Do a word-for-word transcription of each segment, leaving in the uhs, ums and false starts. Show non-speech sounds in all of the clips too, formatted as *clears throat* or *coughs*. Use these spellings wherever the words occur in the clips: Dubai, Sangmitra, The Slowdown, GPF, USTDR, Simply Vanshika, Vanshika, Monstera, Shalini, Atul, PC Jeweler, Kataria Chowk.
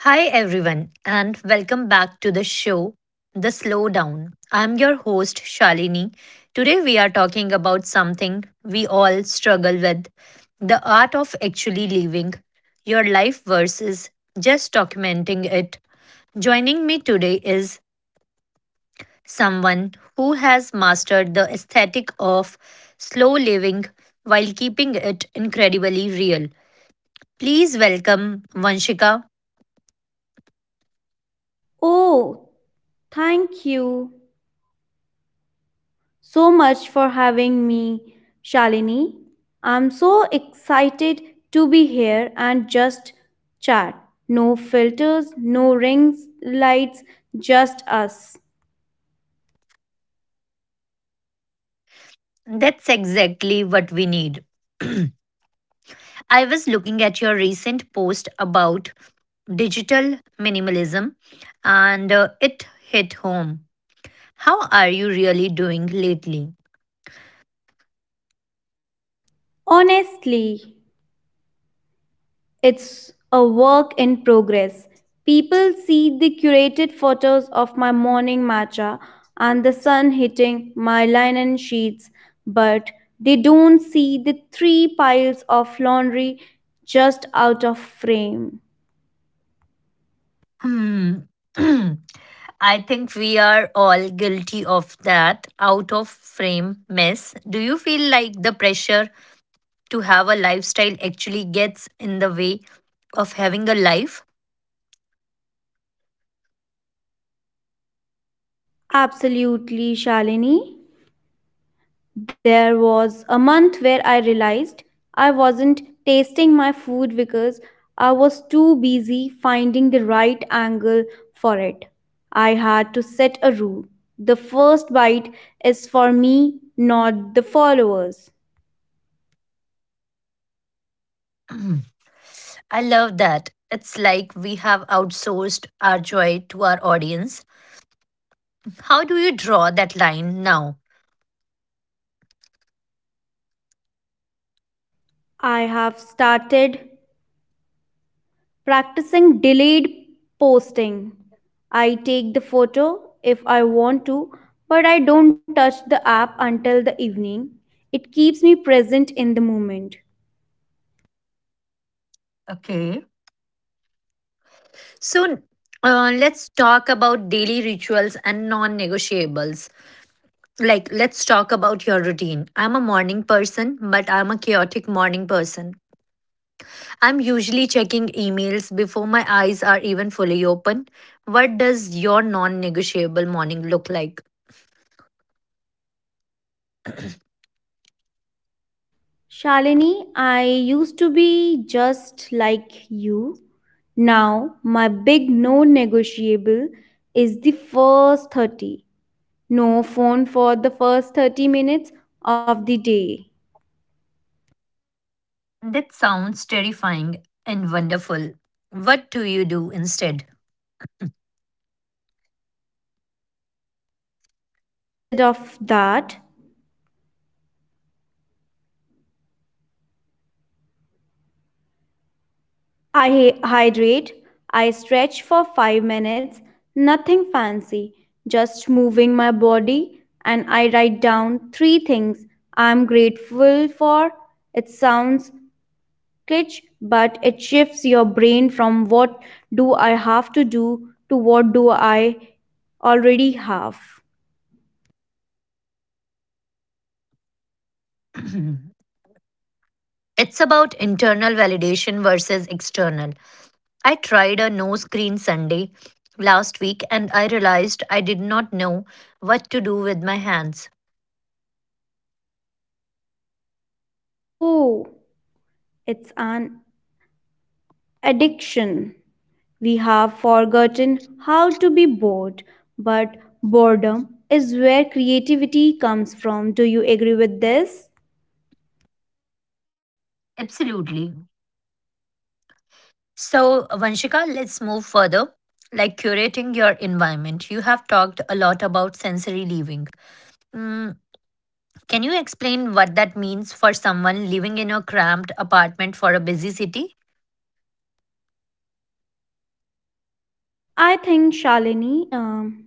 Hi, everyone, and welcome back to the show, The Slowdown. I'm your host, Shalini. Today, we are talking about something we all struggle with, the art of actually living your life versus just documenting it. Joining me today is someone who has mastered the aesthetic of slow living while keeping it incredibly real. Please welcome Vanshika. Oh, thank you so much for having me, Shalini. I'm so excited to be here and just chat. No filters, no rings, lights, just us. That's exactly what we need. *clears throat* I was looking at your recent post about digital minimalism, and uh, it hit home. How are you really doing lately? Honestly, it's a work in progress. People see the curated photos of my morning matcha and the sun hitting my linen sheets, but they don't see the three piles of laundry just out of frame. Hmm. *clears throat* I think we are all guilty of that out of frame mess. Do you feel like the pressure to have a lifestyle actually gets in the way of having a life? Absolutely, Shalini. There was a month where I realized I wasn't tasting my food because I was too busy finding the right angle for it. I had to set a rule. The first bite is for me, not the followers. *clears throat* I love that. It's like we have outsourced our joy to our audience. How do you draw that line now? I have started practicing delayed posting. I take the photo if I want to, but I don't touch the app until the evening. It keeps me present in the moment. Okay. So, uh, let's talk about daily rituals and non negotiables. Like, let's talk about your routine. I'm a morning person, but I'm a chaotic morning person. I'm usually checking emails before my eyes are even fully open. What does your non negotiable morning look like? Shalini, I used to be just like you. Now, my big no negotiable is the first thirty. No phone for the first thirty minutes of the day. That sounds terrifying and wonderful. What do you do instead? Instead of that, I hydrate, I stretch for five minutes, nothing fancy, just moving my body, and I write down three things I'm grateful for. It sounds sketch but it shifts your brain from what do I have to do to what do I already have. *clears throat* It's about internal validation versus external. I tried a no screen Sunday last week and I realized I did not know what to do with my hands. Oh, it's an addiction. We have forgotten how to be bored, but boredom is where creativity comes from. Do you agree with this? Absolutely. So, Vanshika, let's move further. Like curating your environment, you have talked a lot about sensory living. Mm, Can you explain what that means for someone living in a cramped apartment for a busy city? I think, Shalini, um,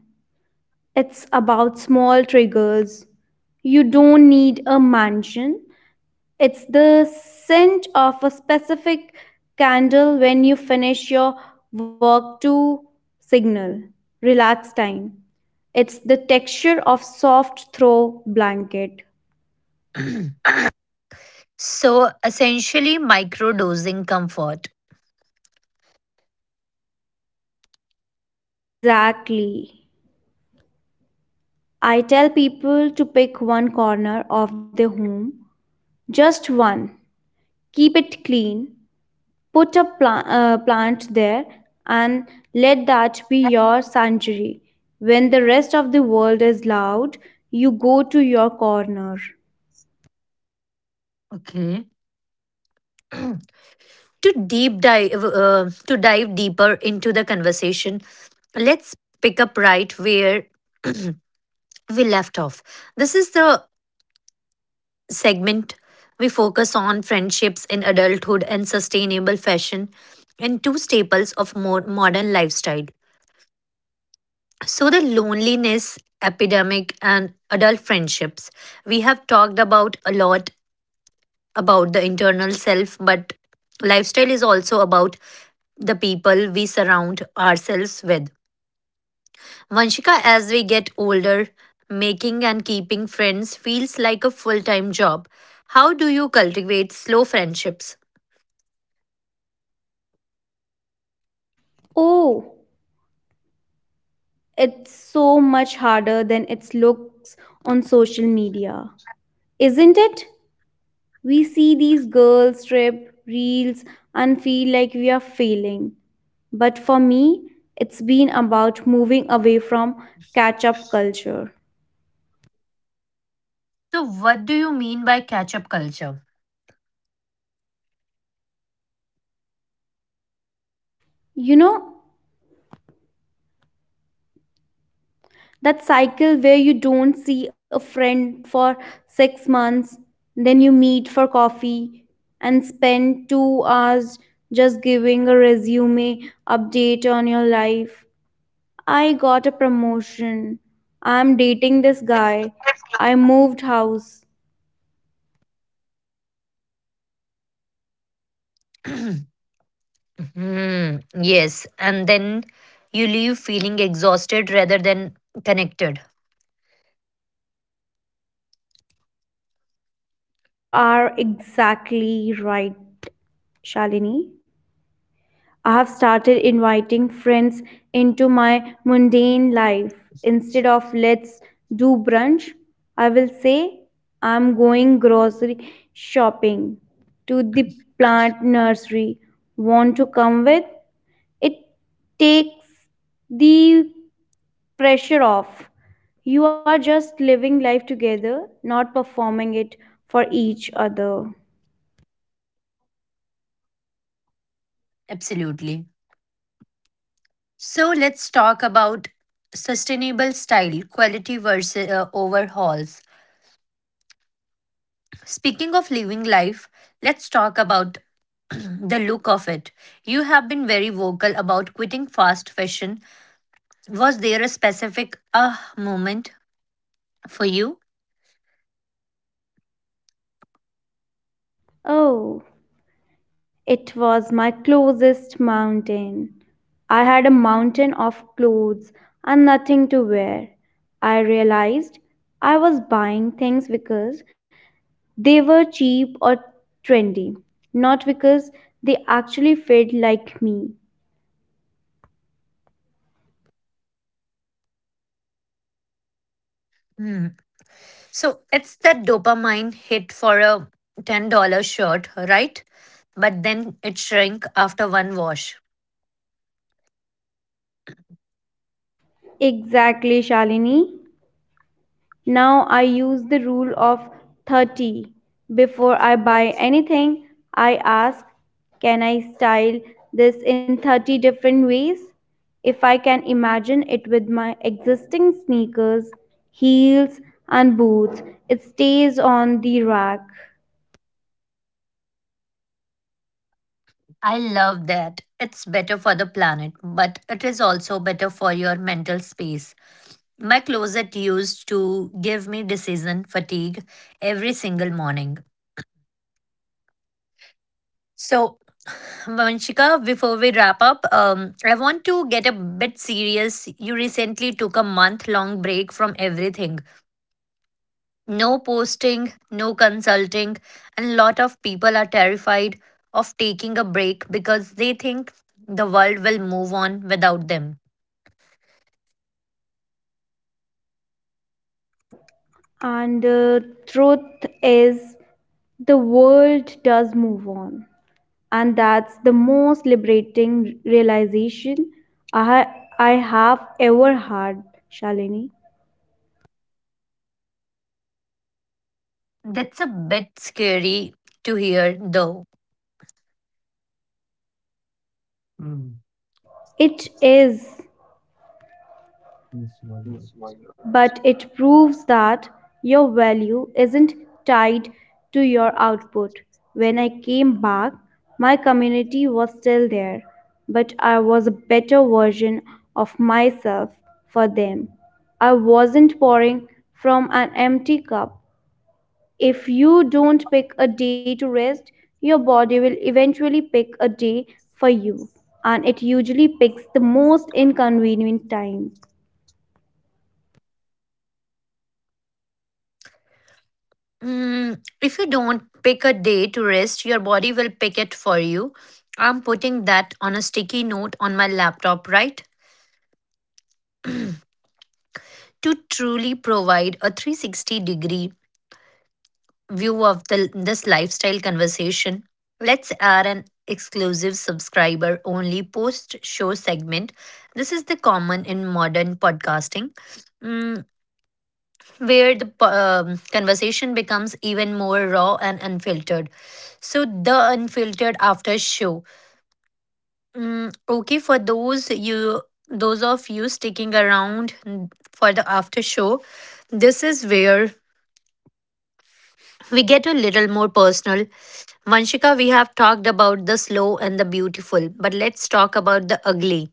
it's about small triggers. You don't need a mansion. It's the scent of a specific candle when you finish your work to signal relax time. It's the texture of soft throw blanket. So, essentially, microdosing comfort. Exactly. I tell people to pick one corner of their home, just one. Keep it clean, put up pla- uh, plant there and let that be your sanctuary. When the rest of the world is loud, you go to your corner. Okay. *clears throat* To deep dive, uh, to dive deeper into the conversation, let's pick up right where *clears throat* we left off. This is the segment we focus on friendships in adulthood and sustainable fashion, and two staples of more modern lifestyle. So, the loneliness epidemic and adult friendships. We have talked about a lot about the internal self, but lifestyle is also about the people we surround ourselves with. Vanshika, as we get older, making and keeping friends feels like a full time job. How do you cultivate slow friendships? Oh, it's so much harder than it looks on social media, isn't it? We see these girls strip reels and feel like we are failing. But for me, it's been about moving away from catch up culture. So, what do you mean by catch up culture? You know, that cycle where you don't see a friend for six months, then you meet for coffee and spend two hours just giving a resume update on your life. I got a promotion. I'm dating this guy. I moved house. *clears throat* Mm, yes. And then you leave feeling exhausted rather than connected. You are exactly right, Shalini. I have started inviting friends into my mundane life. Instead of let's do brunch, I will say I'm going grocery shopping to the plant nursery. Want to come with? It takes the pressure off. You are just living life together, not performing it for each other. Absolutely. So let's talk about sustainable style, quality versus uh, overhauls. Speaking of living life, let's talk about the look of it. You have been very vocal about quitting fast fashion. Was there a specific ah moment for you? Oh. It was my closest mountain. I had a mountain of clothes and nothing to wear. I realized I was buying things because they were cheap or trendy, not because they actually fit like me. So it's that dopamine hit for a ten dollars shirt, right? But then it shrink after one wash. Exactly, Shalini. Now I use the rule of thirty. Before I buy anything, I ask, can I style this in thirty different ways? If I can imagine it with my existing sneakers, heels, and boots, it stays on the rack. I love that. It's better for the planet, but it is also better for your mental space. My closet used to give me decision fatigue every single morning. So, Vanshika, before we wrap up, um, I want to get a bit serious. You recently took a month long break from everything. No posting, no consulting, and lot of people are terrified of taking a break because they think the world will move on without them. and uh, truth is the world does move on, and that's the most liberating realization i i have ever had, Shalini. That's a bit scary to hear though. It is. But it proves that your value isn't tied to your output. When I came back, my community was still there, but I was a better version of myself for them. I wasn't pouring from an empty cup. If you don't pick a day to rest, your body will eventually pick a day for you, and it usually picks the most inconvenient time. Mm, if you don't pick a day to rest, your body will pick it for you. I'm putting that on a sticky note on my laptop, right? To truly provide a three sixty degree view of the, this lifestyle conversation, let's add an exclusive subscriber only post show segment. This is the common in modern podcasting, mm, where the po- um, conversation becomes even more raw and unfiltered. So the unfiltered after show. Mm, okay, for those you those of you sticking around mm, for the after show, this is where we get a little more personal. Vanshika, we have talked about the slow and the beautiful, but let's talk about the ugly.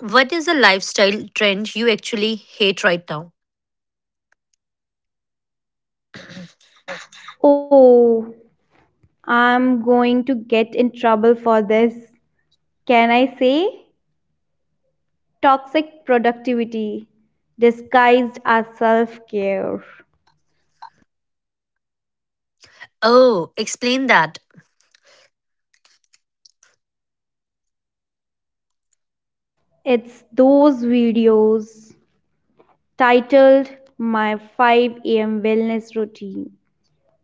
What is a lifestyle trend you actually hate right now? Oh, I'm going to get in trouble for this. Can say? Toxic productivity disguised as self care. Oh, explain that. It's those videos titled My five a m Wellness Routine,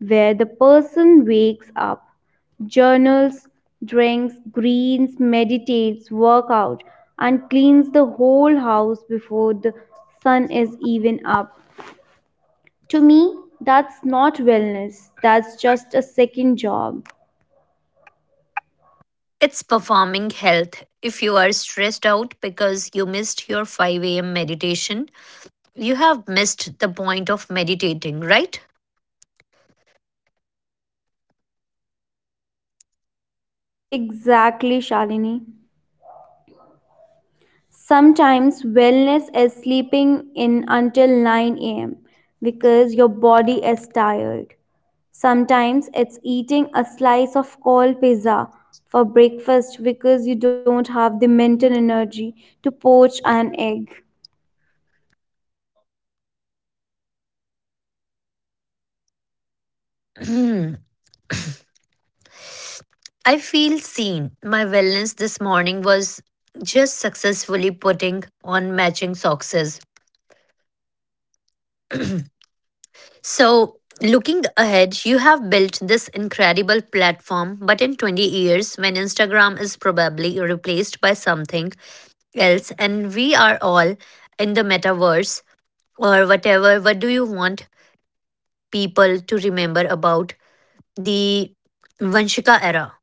where the person wakes up, journals, drinks, greens, meditates, works out, and cleans the whole house before the sun is even up. To me, that's not wellness, that's just a second job. It's performing health. If you are stressed out because you missed your five a m meditation, you have missed the point of meditating, right? Exactly, Shalini. Sometimes wellness is sleeping in until nine a m because your body is tired. Sometimes it's eating a slice of cold pizza for breakfast because you don't have the mental energy to poach an egg. Hmm. I feel seen. My wellness this morning was just successfully putting on matching socks. So, looking ahead, you have built this incredible platform, but in twenty years, when Instagram is probably replaced by something else and we are all in the metaverse or whatever, what do you want people to remember about the Vanshika era?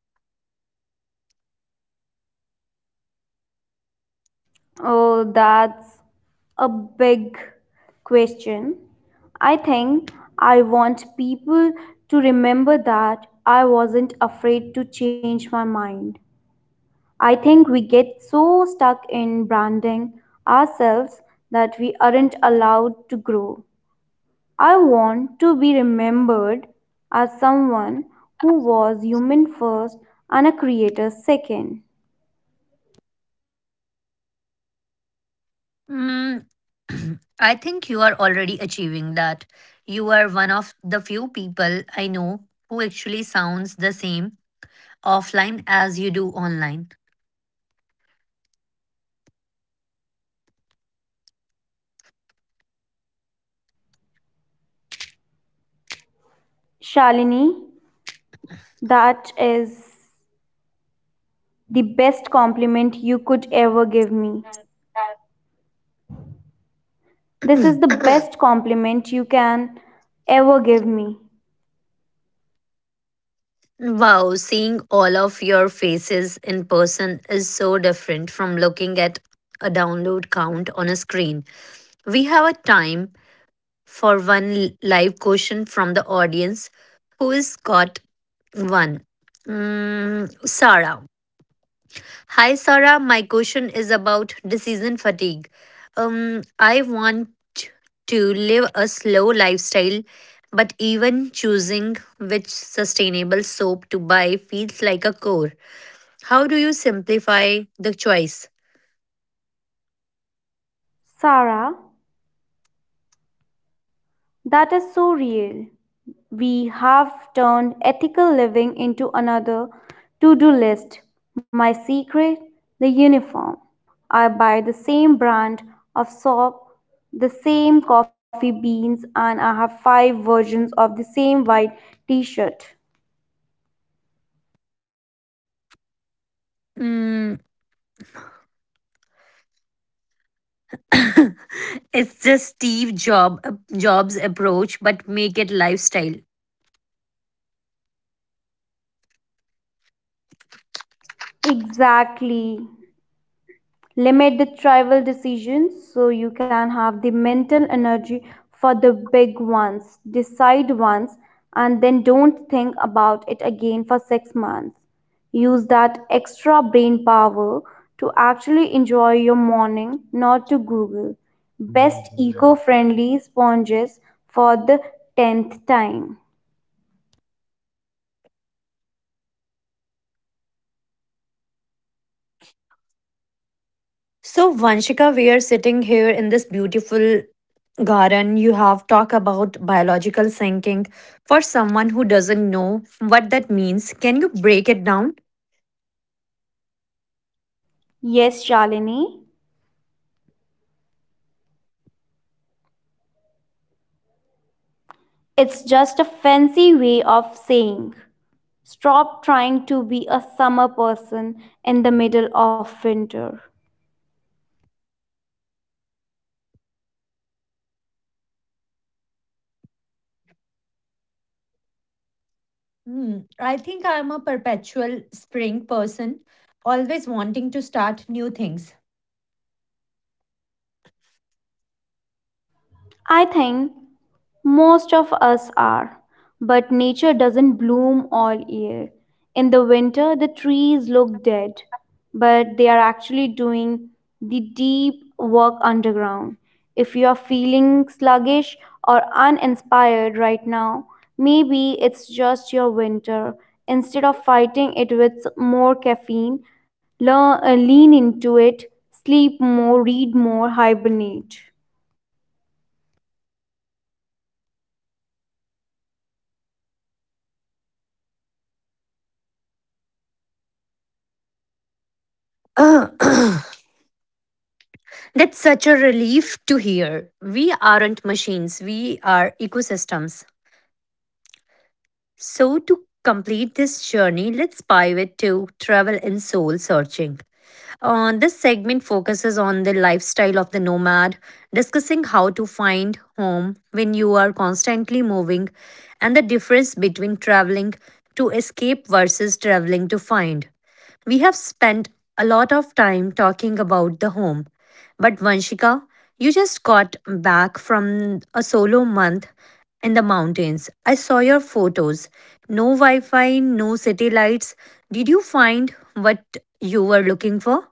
Oh, that's a big question. I think I want people to remember that I wasn't afraid to change my mind. I think we get so stuck in branding ourselves that we aren't allowed to grow. I want to be remembered as someone who was human first and a creator second. Mm, *clears throat* I think you are already achieving that. You are one of the few people I know who actually sounds the same offline as you do online. *clears throat* Wow, seeing all of your faces in person is so different from looking at a download count on a screen. We have a time for one live question from the audience. Who is got one? Mm, Sarah. Hi, Sara. My question is about decision fatigue. Um, I want to live a slow lifestyle, but even choosing which sustainable soap to buy feels like a chore. How do you simplify the choice? Mm, *laughs* *coughs* it's just Steve Job, Jobs approach, but make it lifestyle. So, Vanshika, we are sitting here in this beautiful garden. You have talked about biological thinking. For someone who doesn't know what that means, can you break it down? Hmm, I think I'm a perpetual spring person, always wanting to start new things. *coughs* Uh, *clears throat* That's such a relief to hear. We aren't machines, we are ecosystems. So, to complete this journey, let's pivot to travel and soul searching. Uh, this segment focuses on the lifestyle of the nomad, discussing how to find home when you are constantly moving and the difference between traveling to escape versus traveling to find. We have spent a lot of time talking about the home, but Vanshika, you just got back from a solo month in the mountains. I saw your photos. No Wi Fi, no city lights. Did you find what you were looking for?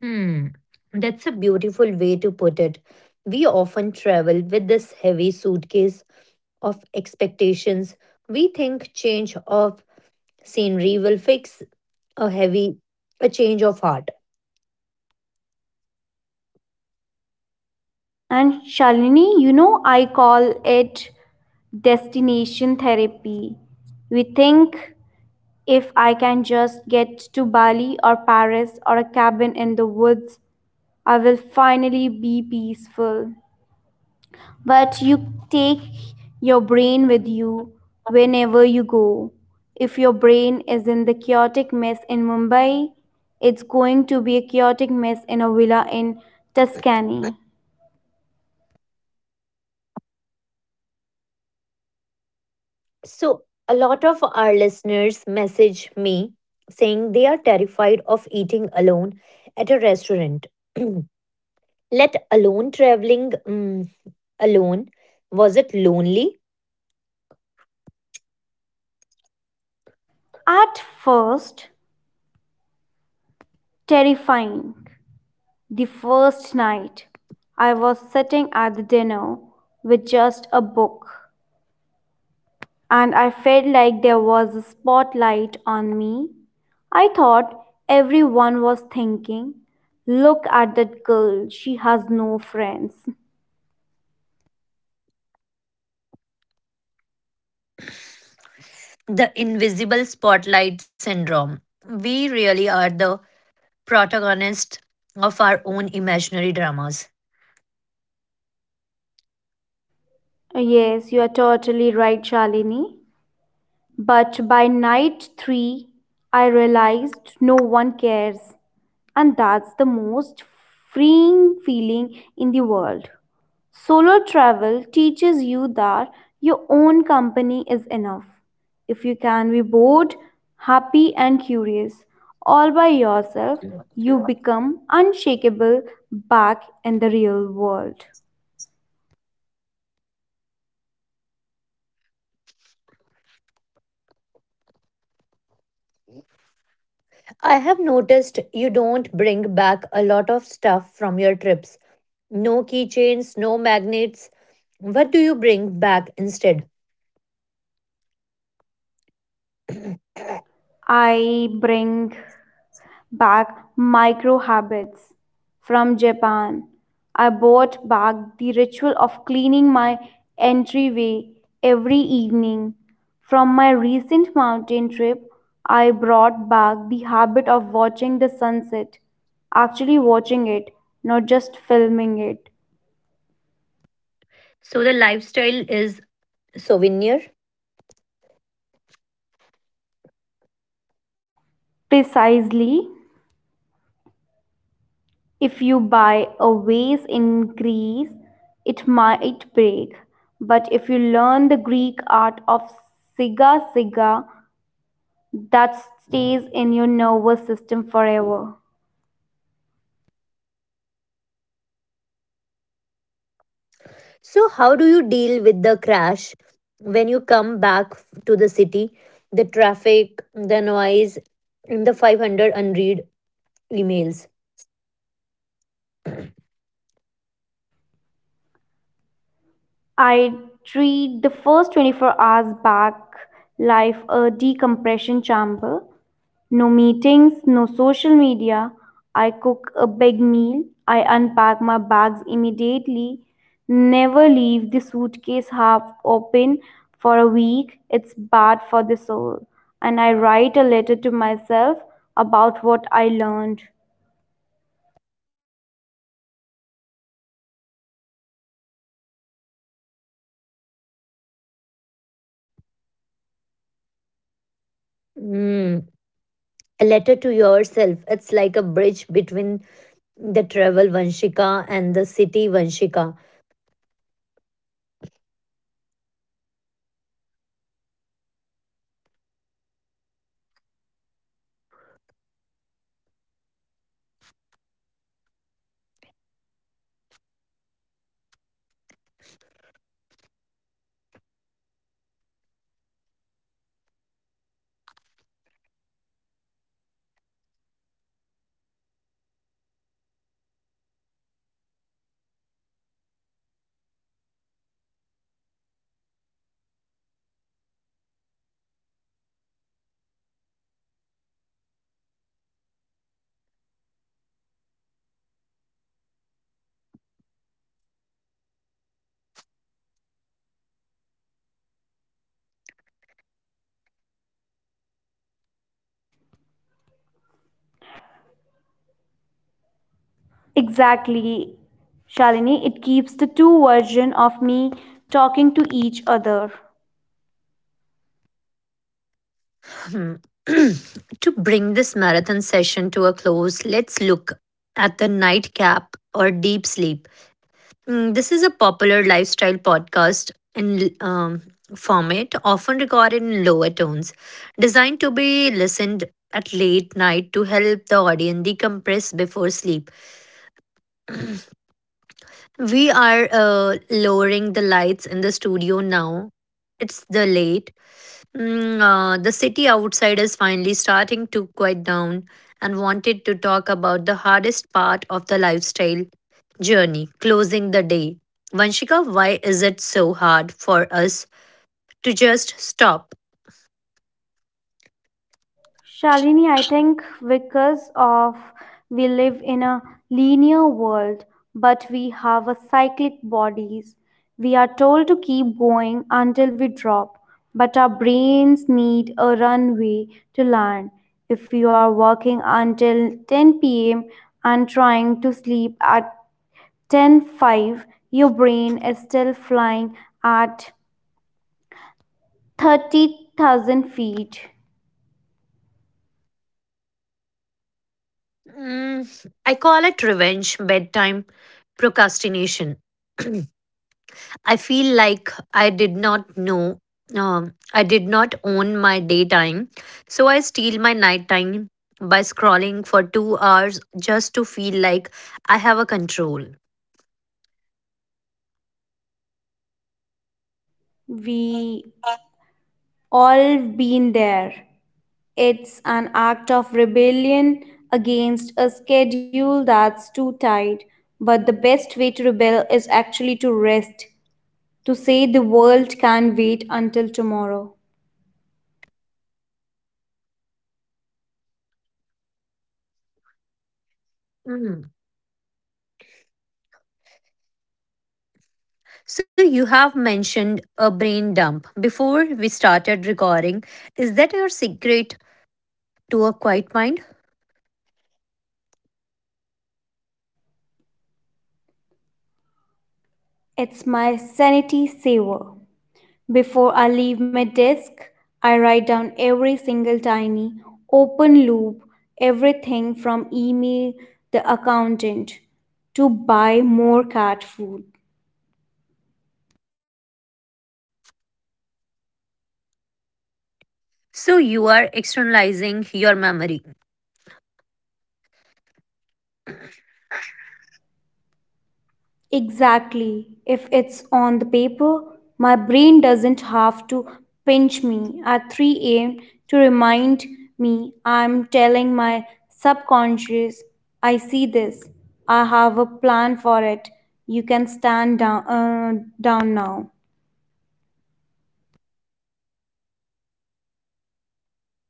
Hmm, that's a beautiful way to put it. We often travel with this heavy suitcase of expectations. We think change of scenery will fix a heavy a change of heart. So a lot of our listeners message me saying they are terrified of eating alone at a restaurant. *clears throat* Let alone traveling mm, alone. Was it lonely? The invisible spotlight syndrome. We really are the protagonists of our own imaginary dramas. I have noticed you don't bring back a lot of stuff from your trips. No keychains, no magnets. What do you bring back instead? So the lifestyle is souvenir. So, how do you deal with the crash when you come back to the city? The traffic, the noise, and the five hundred unread emails. Hmm. A letter to yourself. It's like a bridge between the travel Vanshika and the city Vanshika. Hmm. *clears throat* To bring this marathon session to a close, let's look at the nightcap or deep sleep. Mm, This is a popular lifestyle podcast in um, format, often recorded in lower tones, designed to be listened at late night to help the audience decompress before sleep. We are uh, lowering the lights in the studio now. It's the late Mm, uh, the city outside is finally starting to quiet down and wanted to talk about the hardest part of the lifestyle journey, closing the day. Vanshika, why is it so hard for us to just stop? Mm, I call it revenge, bedtime procrastination. *clears throat* I feel like I did not know, um, I did not own my daytime. So I steal my nighttime by scrolling for two hours just to feel like I have a control. Mhm. So you have mentioned a brain dump before we started recording. Is that your secret to a quiet mind? So you are externalizing your memory.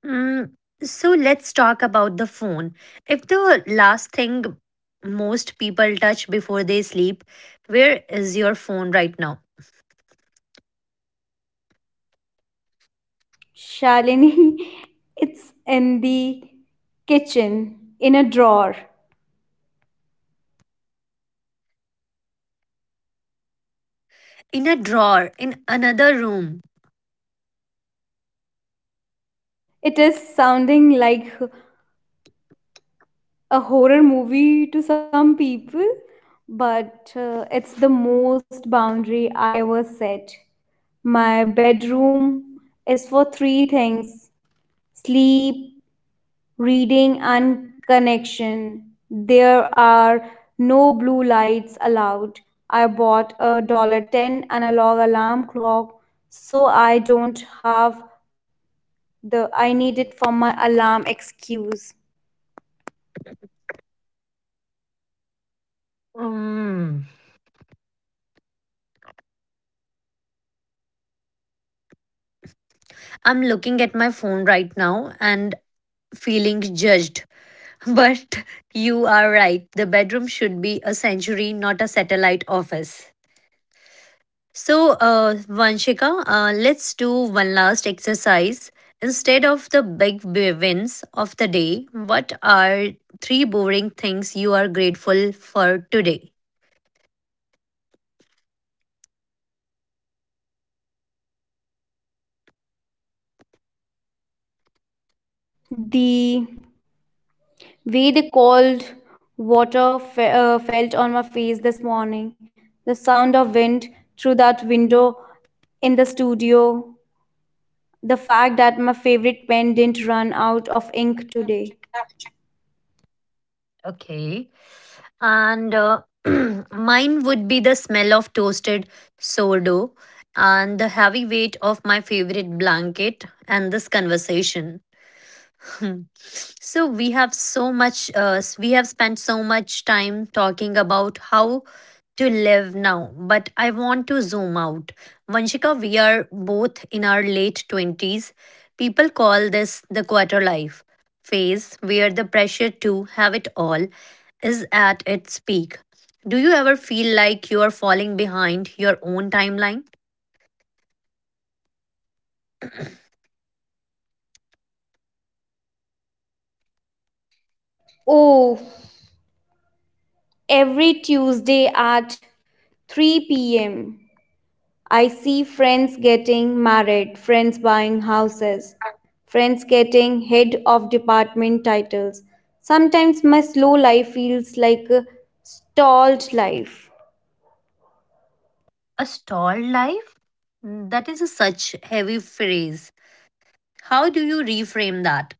Mm, so let's talk about the phone. If the last thing most people touch before they sleep, where is your phone right now? In a drawer, in another room. Mm. I'm looking at my phone right now and feeling judged. *laughs* But you are right, the bedroom should be a sanctuary, not a satellite office. So, uh, Vanshika, uh, let's do one last exercise. Instead of the big b- wins of the day, what are three boring things you are grateful for today? Okay. And uh, *clears throat* mine would be the smell of toasted sourdough and the heavy weight of my favorite blanket and this conversation. *laughs* So we have so much uh, s- we have spent so much time talking about how to live now, but I want to zoom out. Vanshika, we are both in our late twenties. People call this the quarter life phase, where the pressure to have it all is at its peak. Do you ever feel like you are falling behind your own timeline? A stalled life? That is a such heavy phrase. How do you reframe that?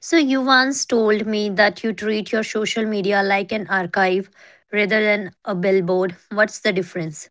So, you once told me that you treat your social media like an archive rather than a billboard. What's the difference?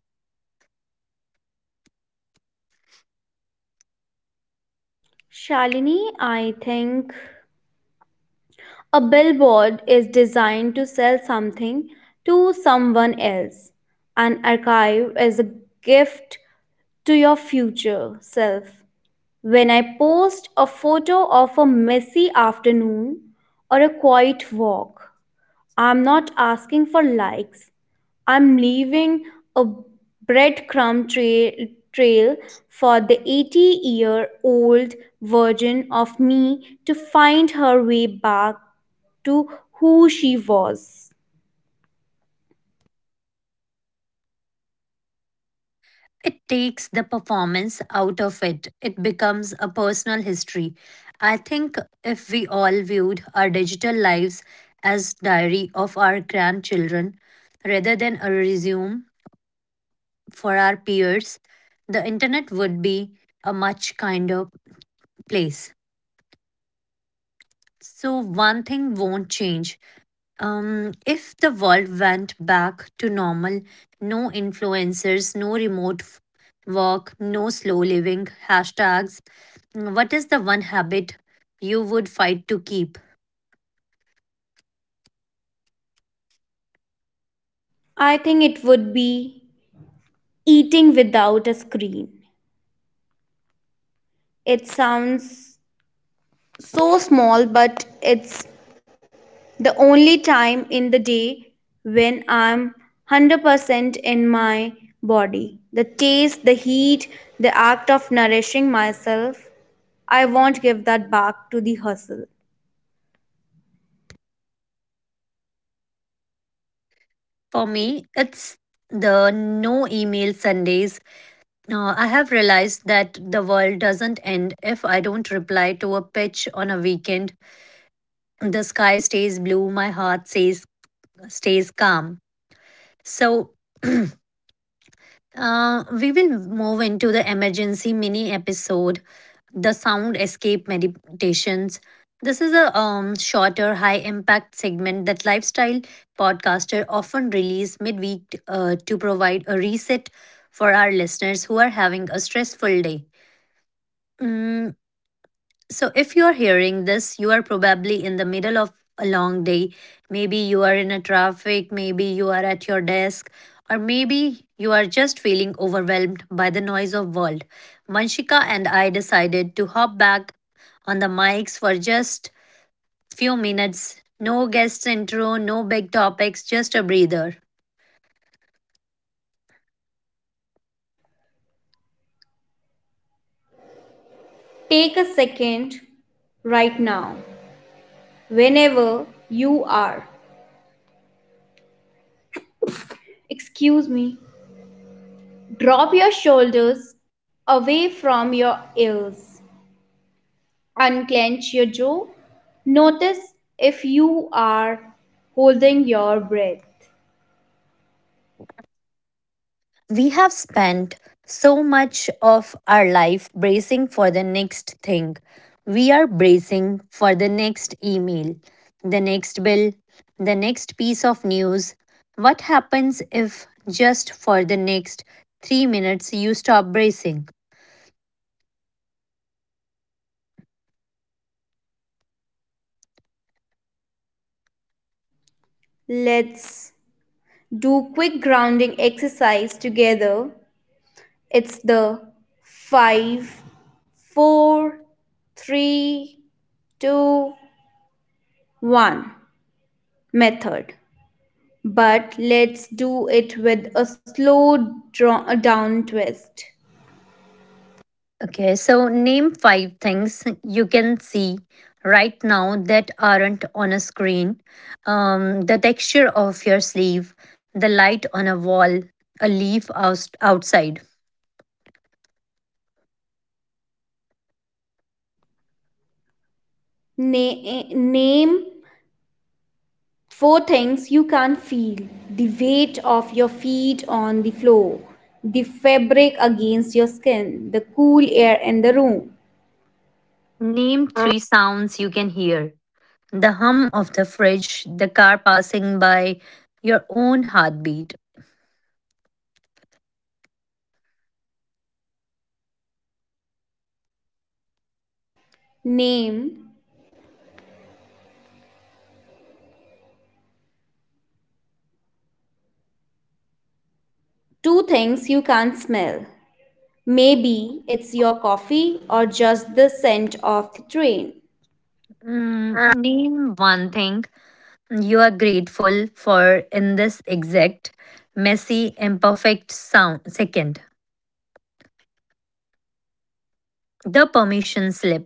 It takes the performance out of it, it becomes a personal history. I think if we all viewed our digital lives as diary of our grandchildren rather than a resume for our peers, the internet would be a much kinder place. So, one thing won't change. Um, if the world went back to normal, no influencers, no remote f- work, no slow living hashtags, what is the one habit you would fight to keep? For me, it's the no email Sundays. Uh, I have realized that the world doesn't end if I don't reply to a pitch on a weekend. The sky stays blue, my heart stays, stays calm. So, Uh, we will move into the emergency mini episode, the sound escape meditations. This is a um, shorter, high impact segment that lifestyle podcaster often release midweek uh, to provide a reset for our listeners who are having a stressful day. Mm, so, if you are hearing this, you are probably in the middle of a long day. Maybe you are in a traffic, maybe you are at your desk, or maybe you are just feeling overwhelmed by the noise of world. Manshika and I decided to hop back on the mics for just few minutes. No guest intro, no big topics, just a breather. We have spent so much of our life bracing for the next thing. We are bracing for the next email, the next bill, the next piece of news. What happens if just for the next three minutes you stop bracing? Okay, so name five things you can see right now that aren't on a screen. Um, the texture of your sleeve, the light on a wall, a leaf oust- outside. Name three sounds you can hear: the hum of the fridge, the car passing by, your own heartbeat. Mm, name one thing you are grateful for in this exact, messy, imperfect sound second. The permission slip.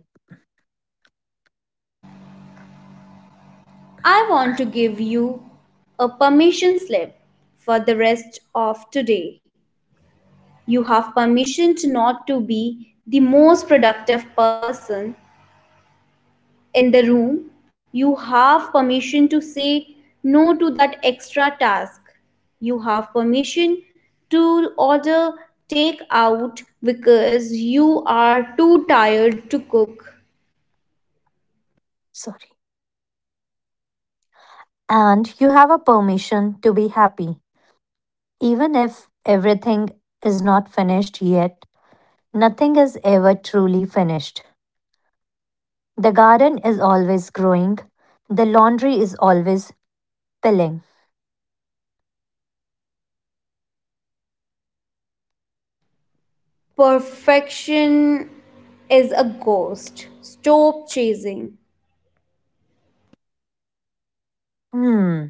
Sorry. And you have a permission to be happy. Even if everything is not finished yet, nothing is ever truly finished. The garden is always growing, the laundry is always pilling. Hmm.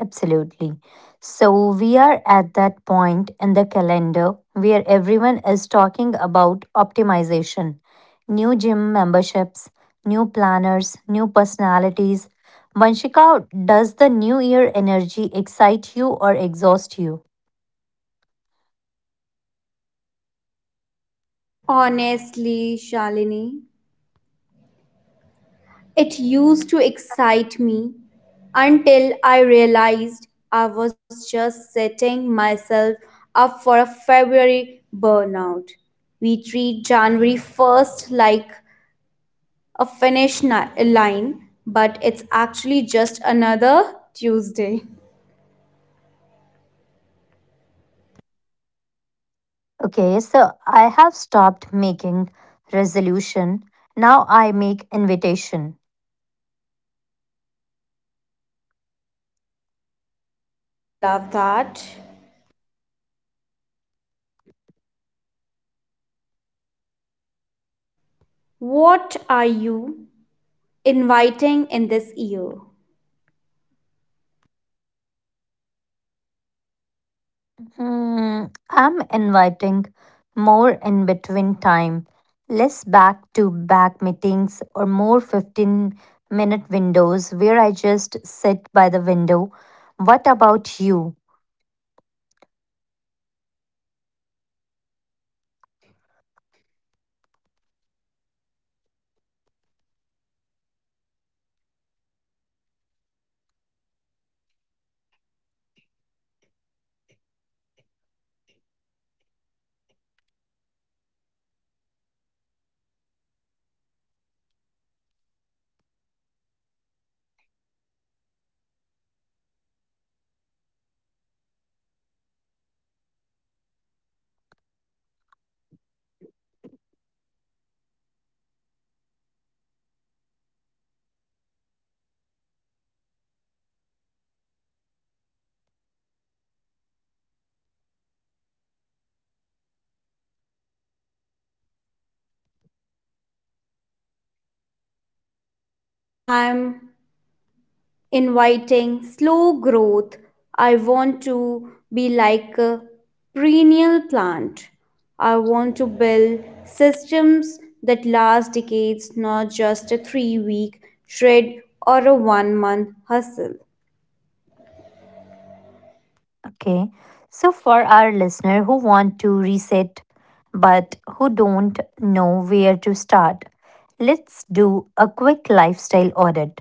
Absolutely. So we are at that point in the calendar where everyone is talking about optimization. New gym memberships, new planners, new personalities. Vanshika, does the new year energy excite you or exhaust you? Okay, so I have stopped making resolution. Now I make invitation. Hmm, I'm inviting more in between time, less back to back meetings, or more fifteen minute windows where I just sit by the window. What about you? Okay. So for our listener who want to reset but who don't know where to start, let's do a quick lifestyle audit.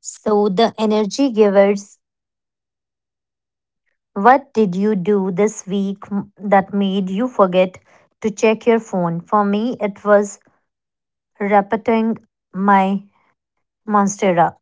So the energy givers. What did you do this week m- that made you forget to check your phone? For me, it was repeating my Monstera.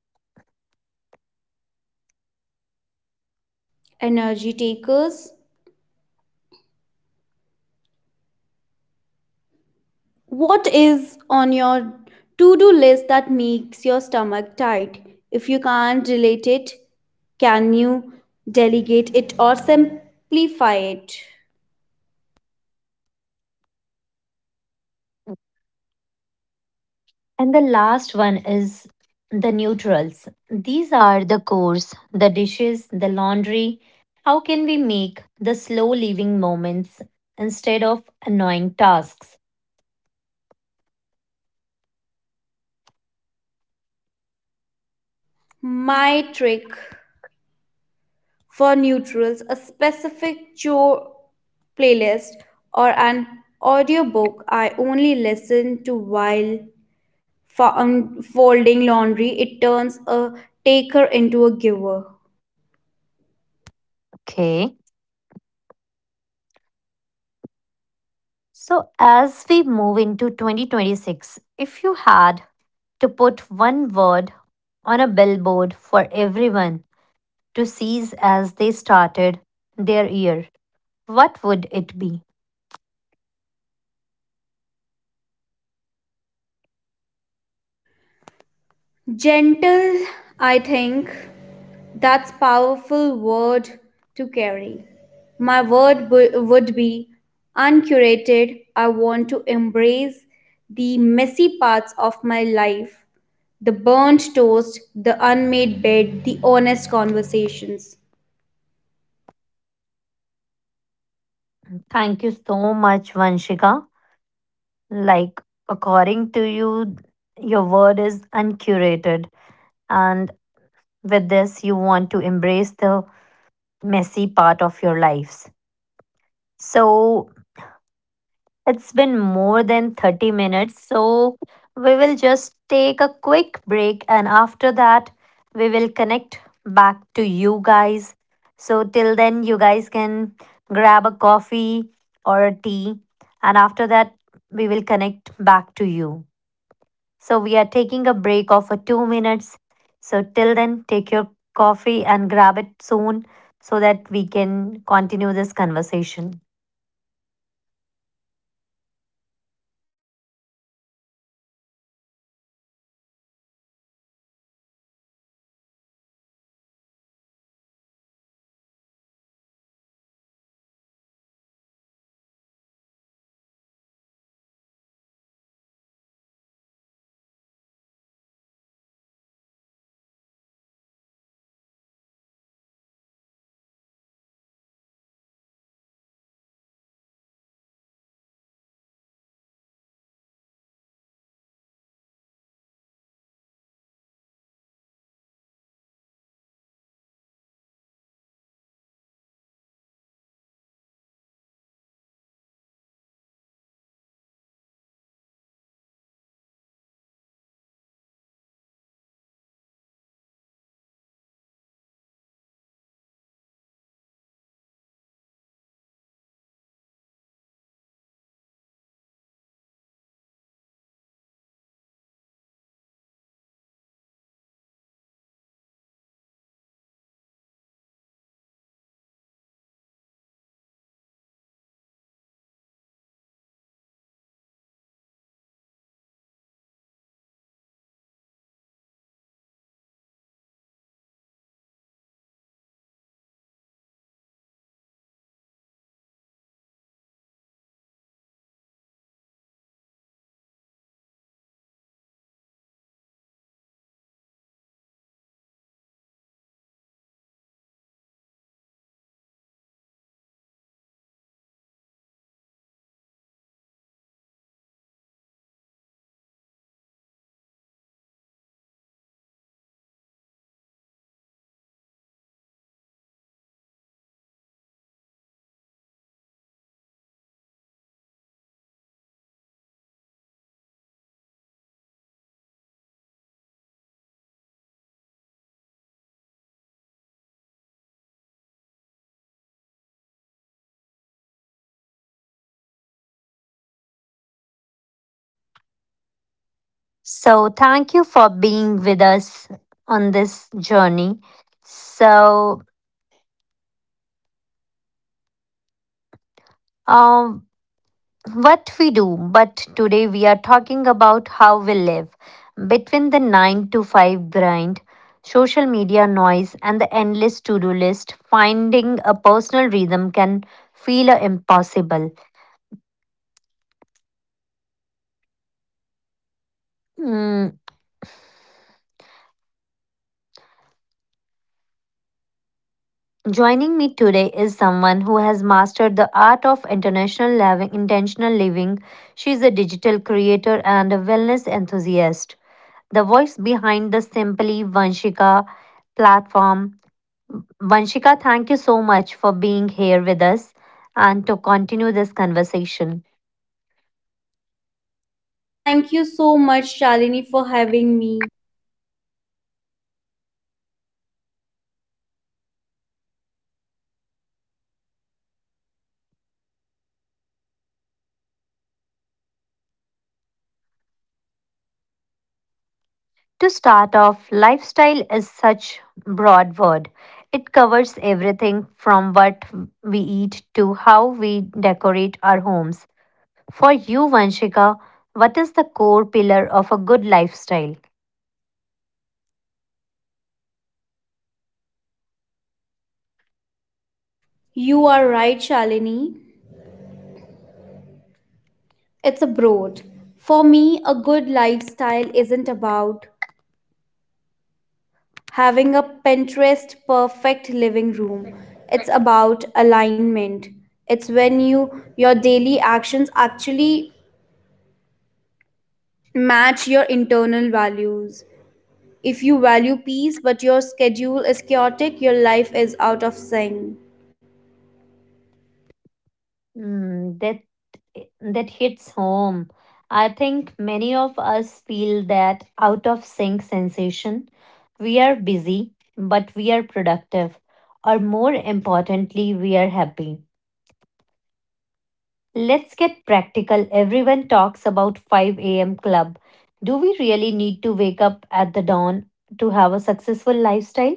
And the last one is the neutrals. These are the chores, the dishes, the laundry. How can we make the slow living moments instead of annoying tasks? Okay. So, as we move into twenty twenty-six, if you had to put one word on a billboard for everyone to seize as they started their year, what would it be? Thank you so much, Vanshika. Like, according to you, your word is uncurated. And with this, you want to embrace the messy part of your lives. So, it's been more than thirty minutes, so we will just take a quick break and after that, we will connect back to you guys. So, till then, you guys can grab a coffee or a tea, and after that, we will connect back to you. So, we are taking a break of a two minutes. So, till then, take your coffee and grab it soon so that we can continue this conversation. So, thank you for being with us on this journey. So, um, what we do, but today we are talking about how we live between the nine to five grind, social media noise, and the endless to do list. Finding a personal rhythm can feel uh, impossible. Mm, Joining me today is someone who has mastered the art of international living, intentional living. She is a digital creator and a wellness enthusiast. The voice behind the Simply Vanshika platform. Vanshika, thank you so much for being here with us and to continue this conversation. To start off, lifestyle is such broad word. It covers everything from what we eat to how we decorate our homes. For you, Vanshika, what is the core pillar of a good lifestyle? Mm, that that hits home. I think many of us feel that out of sync sensation. We are busy, but we are productive, or more importantly, we are happy. Let's get practical. Everyone talks about five a m club. Do we really need to wake up at the dawn to have a successful lifestyle?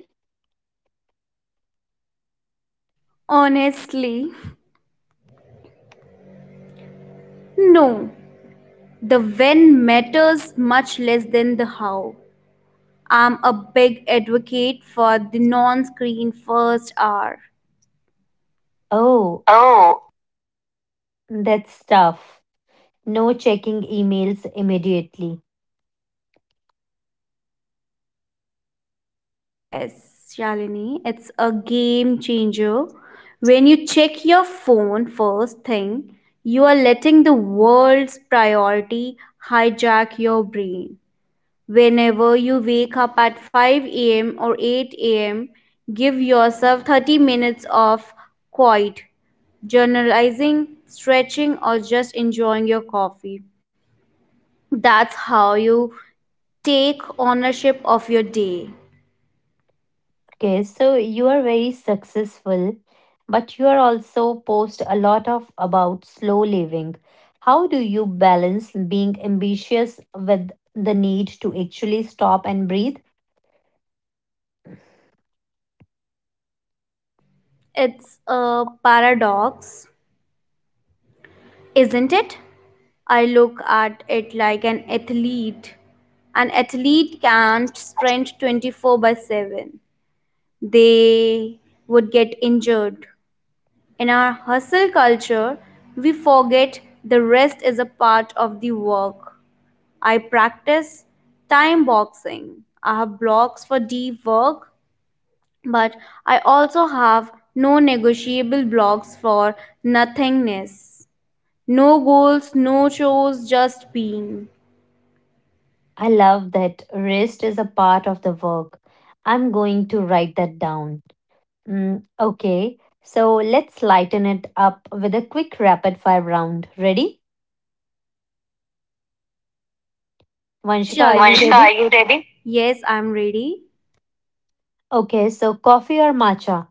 Oh, Oh, that's tough. No checking emails immediately. Okay, so you are very successful, but you are also post a lot of about slow living. How do you balance being ambitious with the need to actually stop and breathe? I love that rest is a part of the work. I'm going to write that down. Mm, okay, so let's lighten it up with a quick rapid fire round. Ready? Vanshika, are you Vanshika, ready? are you ready? Okay, so coffee or matcha?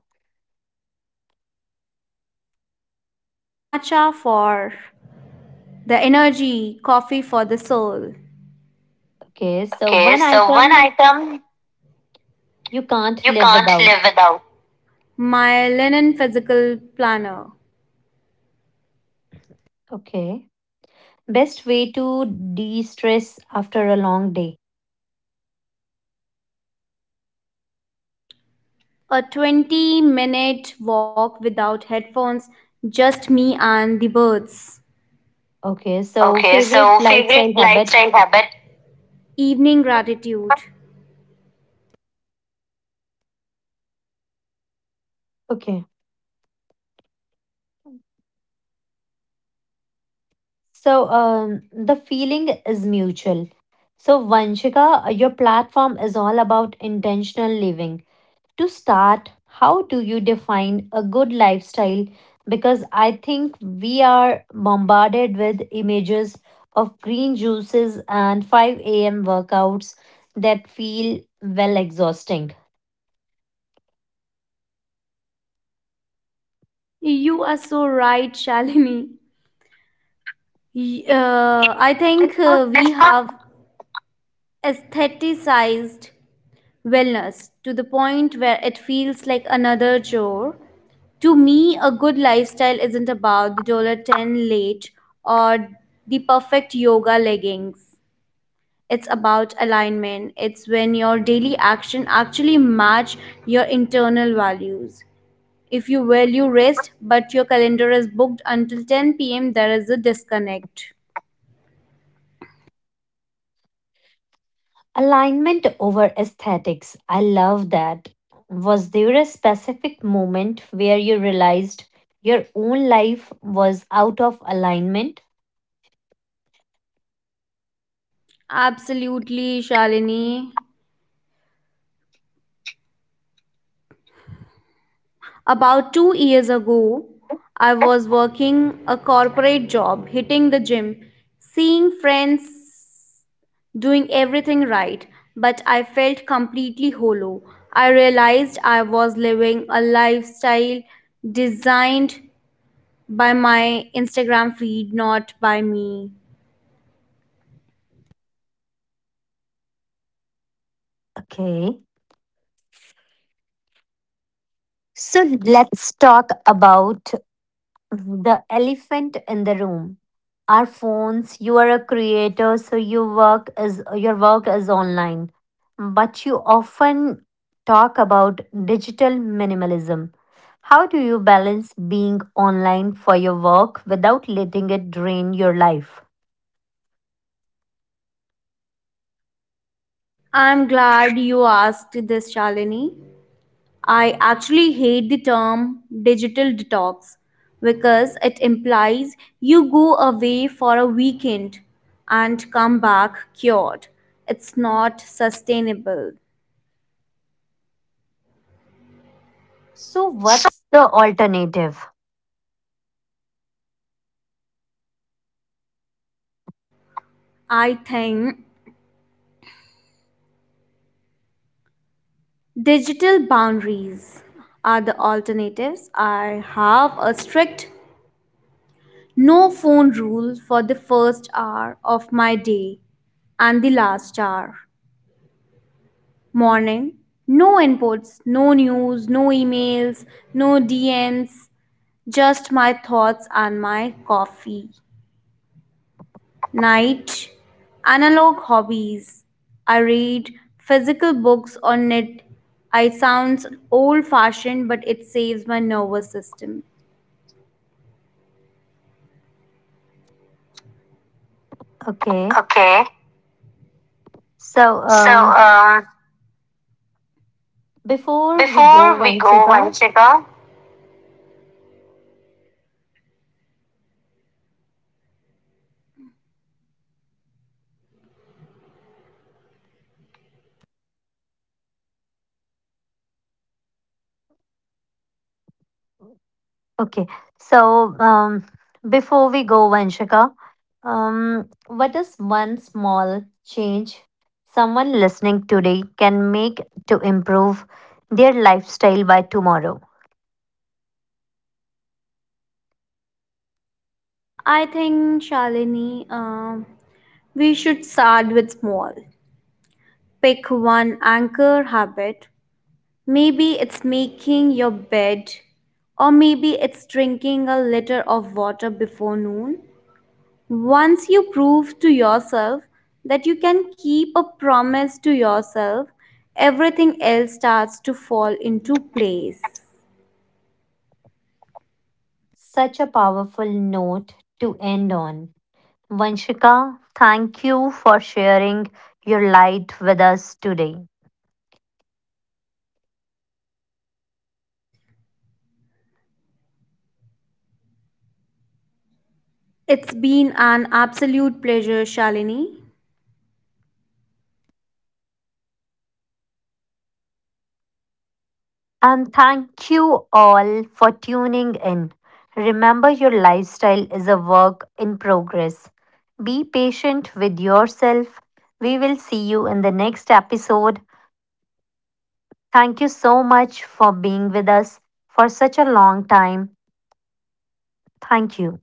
Okay, so Okay, one so one item item you can't you live can't without. live without. Okay. Best way to de stress after a long day. Okay. So, Okay, favorite so favorite lifestyle habit. lifestyle habit. Okay. So, um, the feeling is mutual. So, Vanshika, your platform is all about intentional living. To start, how do you define a good lifestyle? Because I think we are bombarded with images of green juices and five a m workouts that feel well exhausting. It's not- Alignment over aesthetics. I love that. Was there a specific moment where you realized your own life was out of alignment? Okay. So let's talk about the elephant in the room: our phones. You are a creator, so you work is your work is online, but you often talk about digital minimalism. How do you balance being online for your work without letting it drain your life? So what's the alternative? okay Okay, so so um um, before we go before we go, vanchika Vanshika, Okay, so um, before we go, Vanshika, um, what is one small change someone listening today can make to improve their lifestyle by tomorrow? Such a powerful note to end on. Vanshika, thank you for sharing your light with us today. And thank you all for tuning in. Remember, your lifestyle is a work in progress. Be patient with yourself. We will see you in the next episode. Thank you so much for being with us for such a long time. Thank you.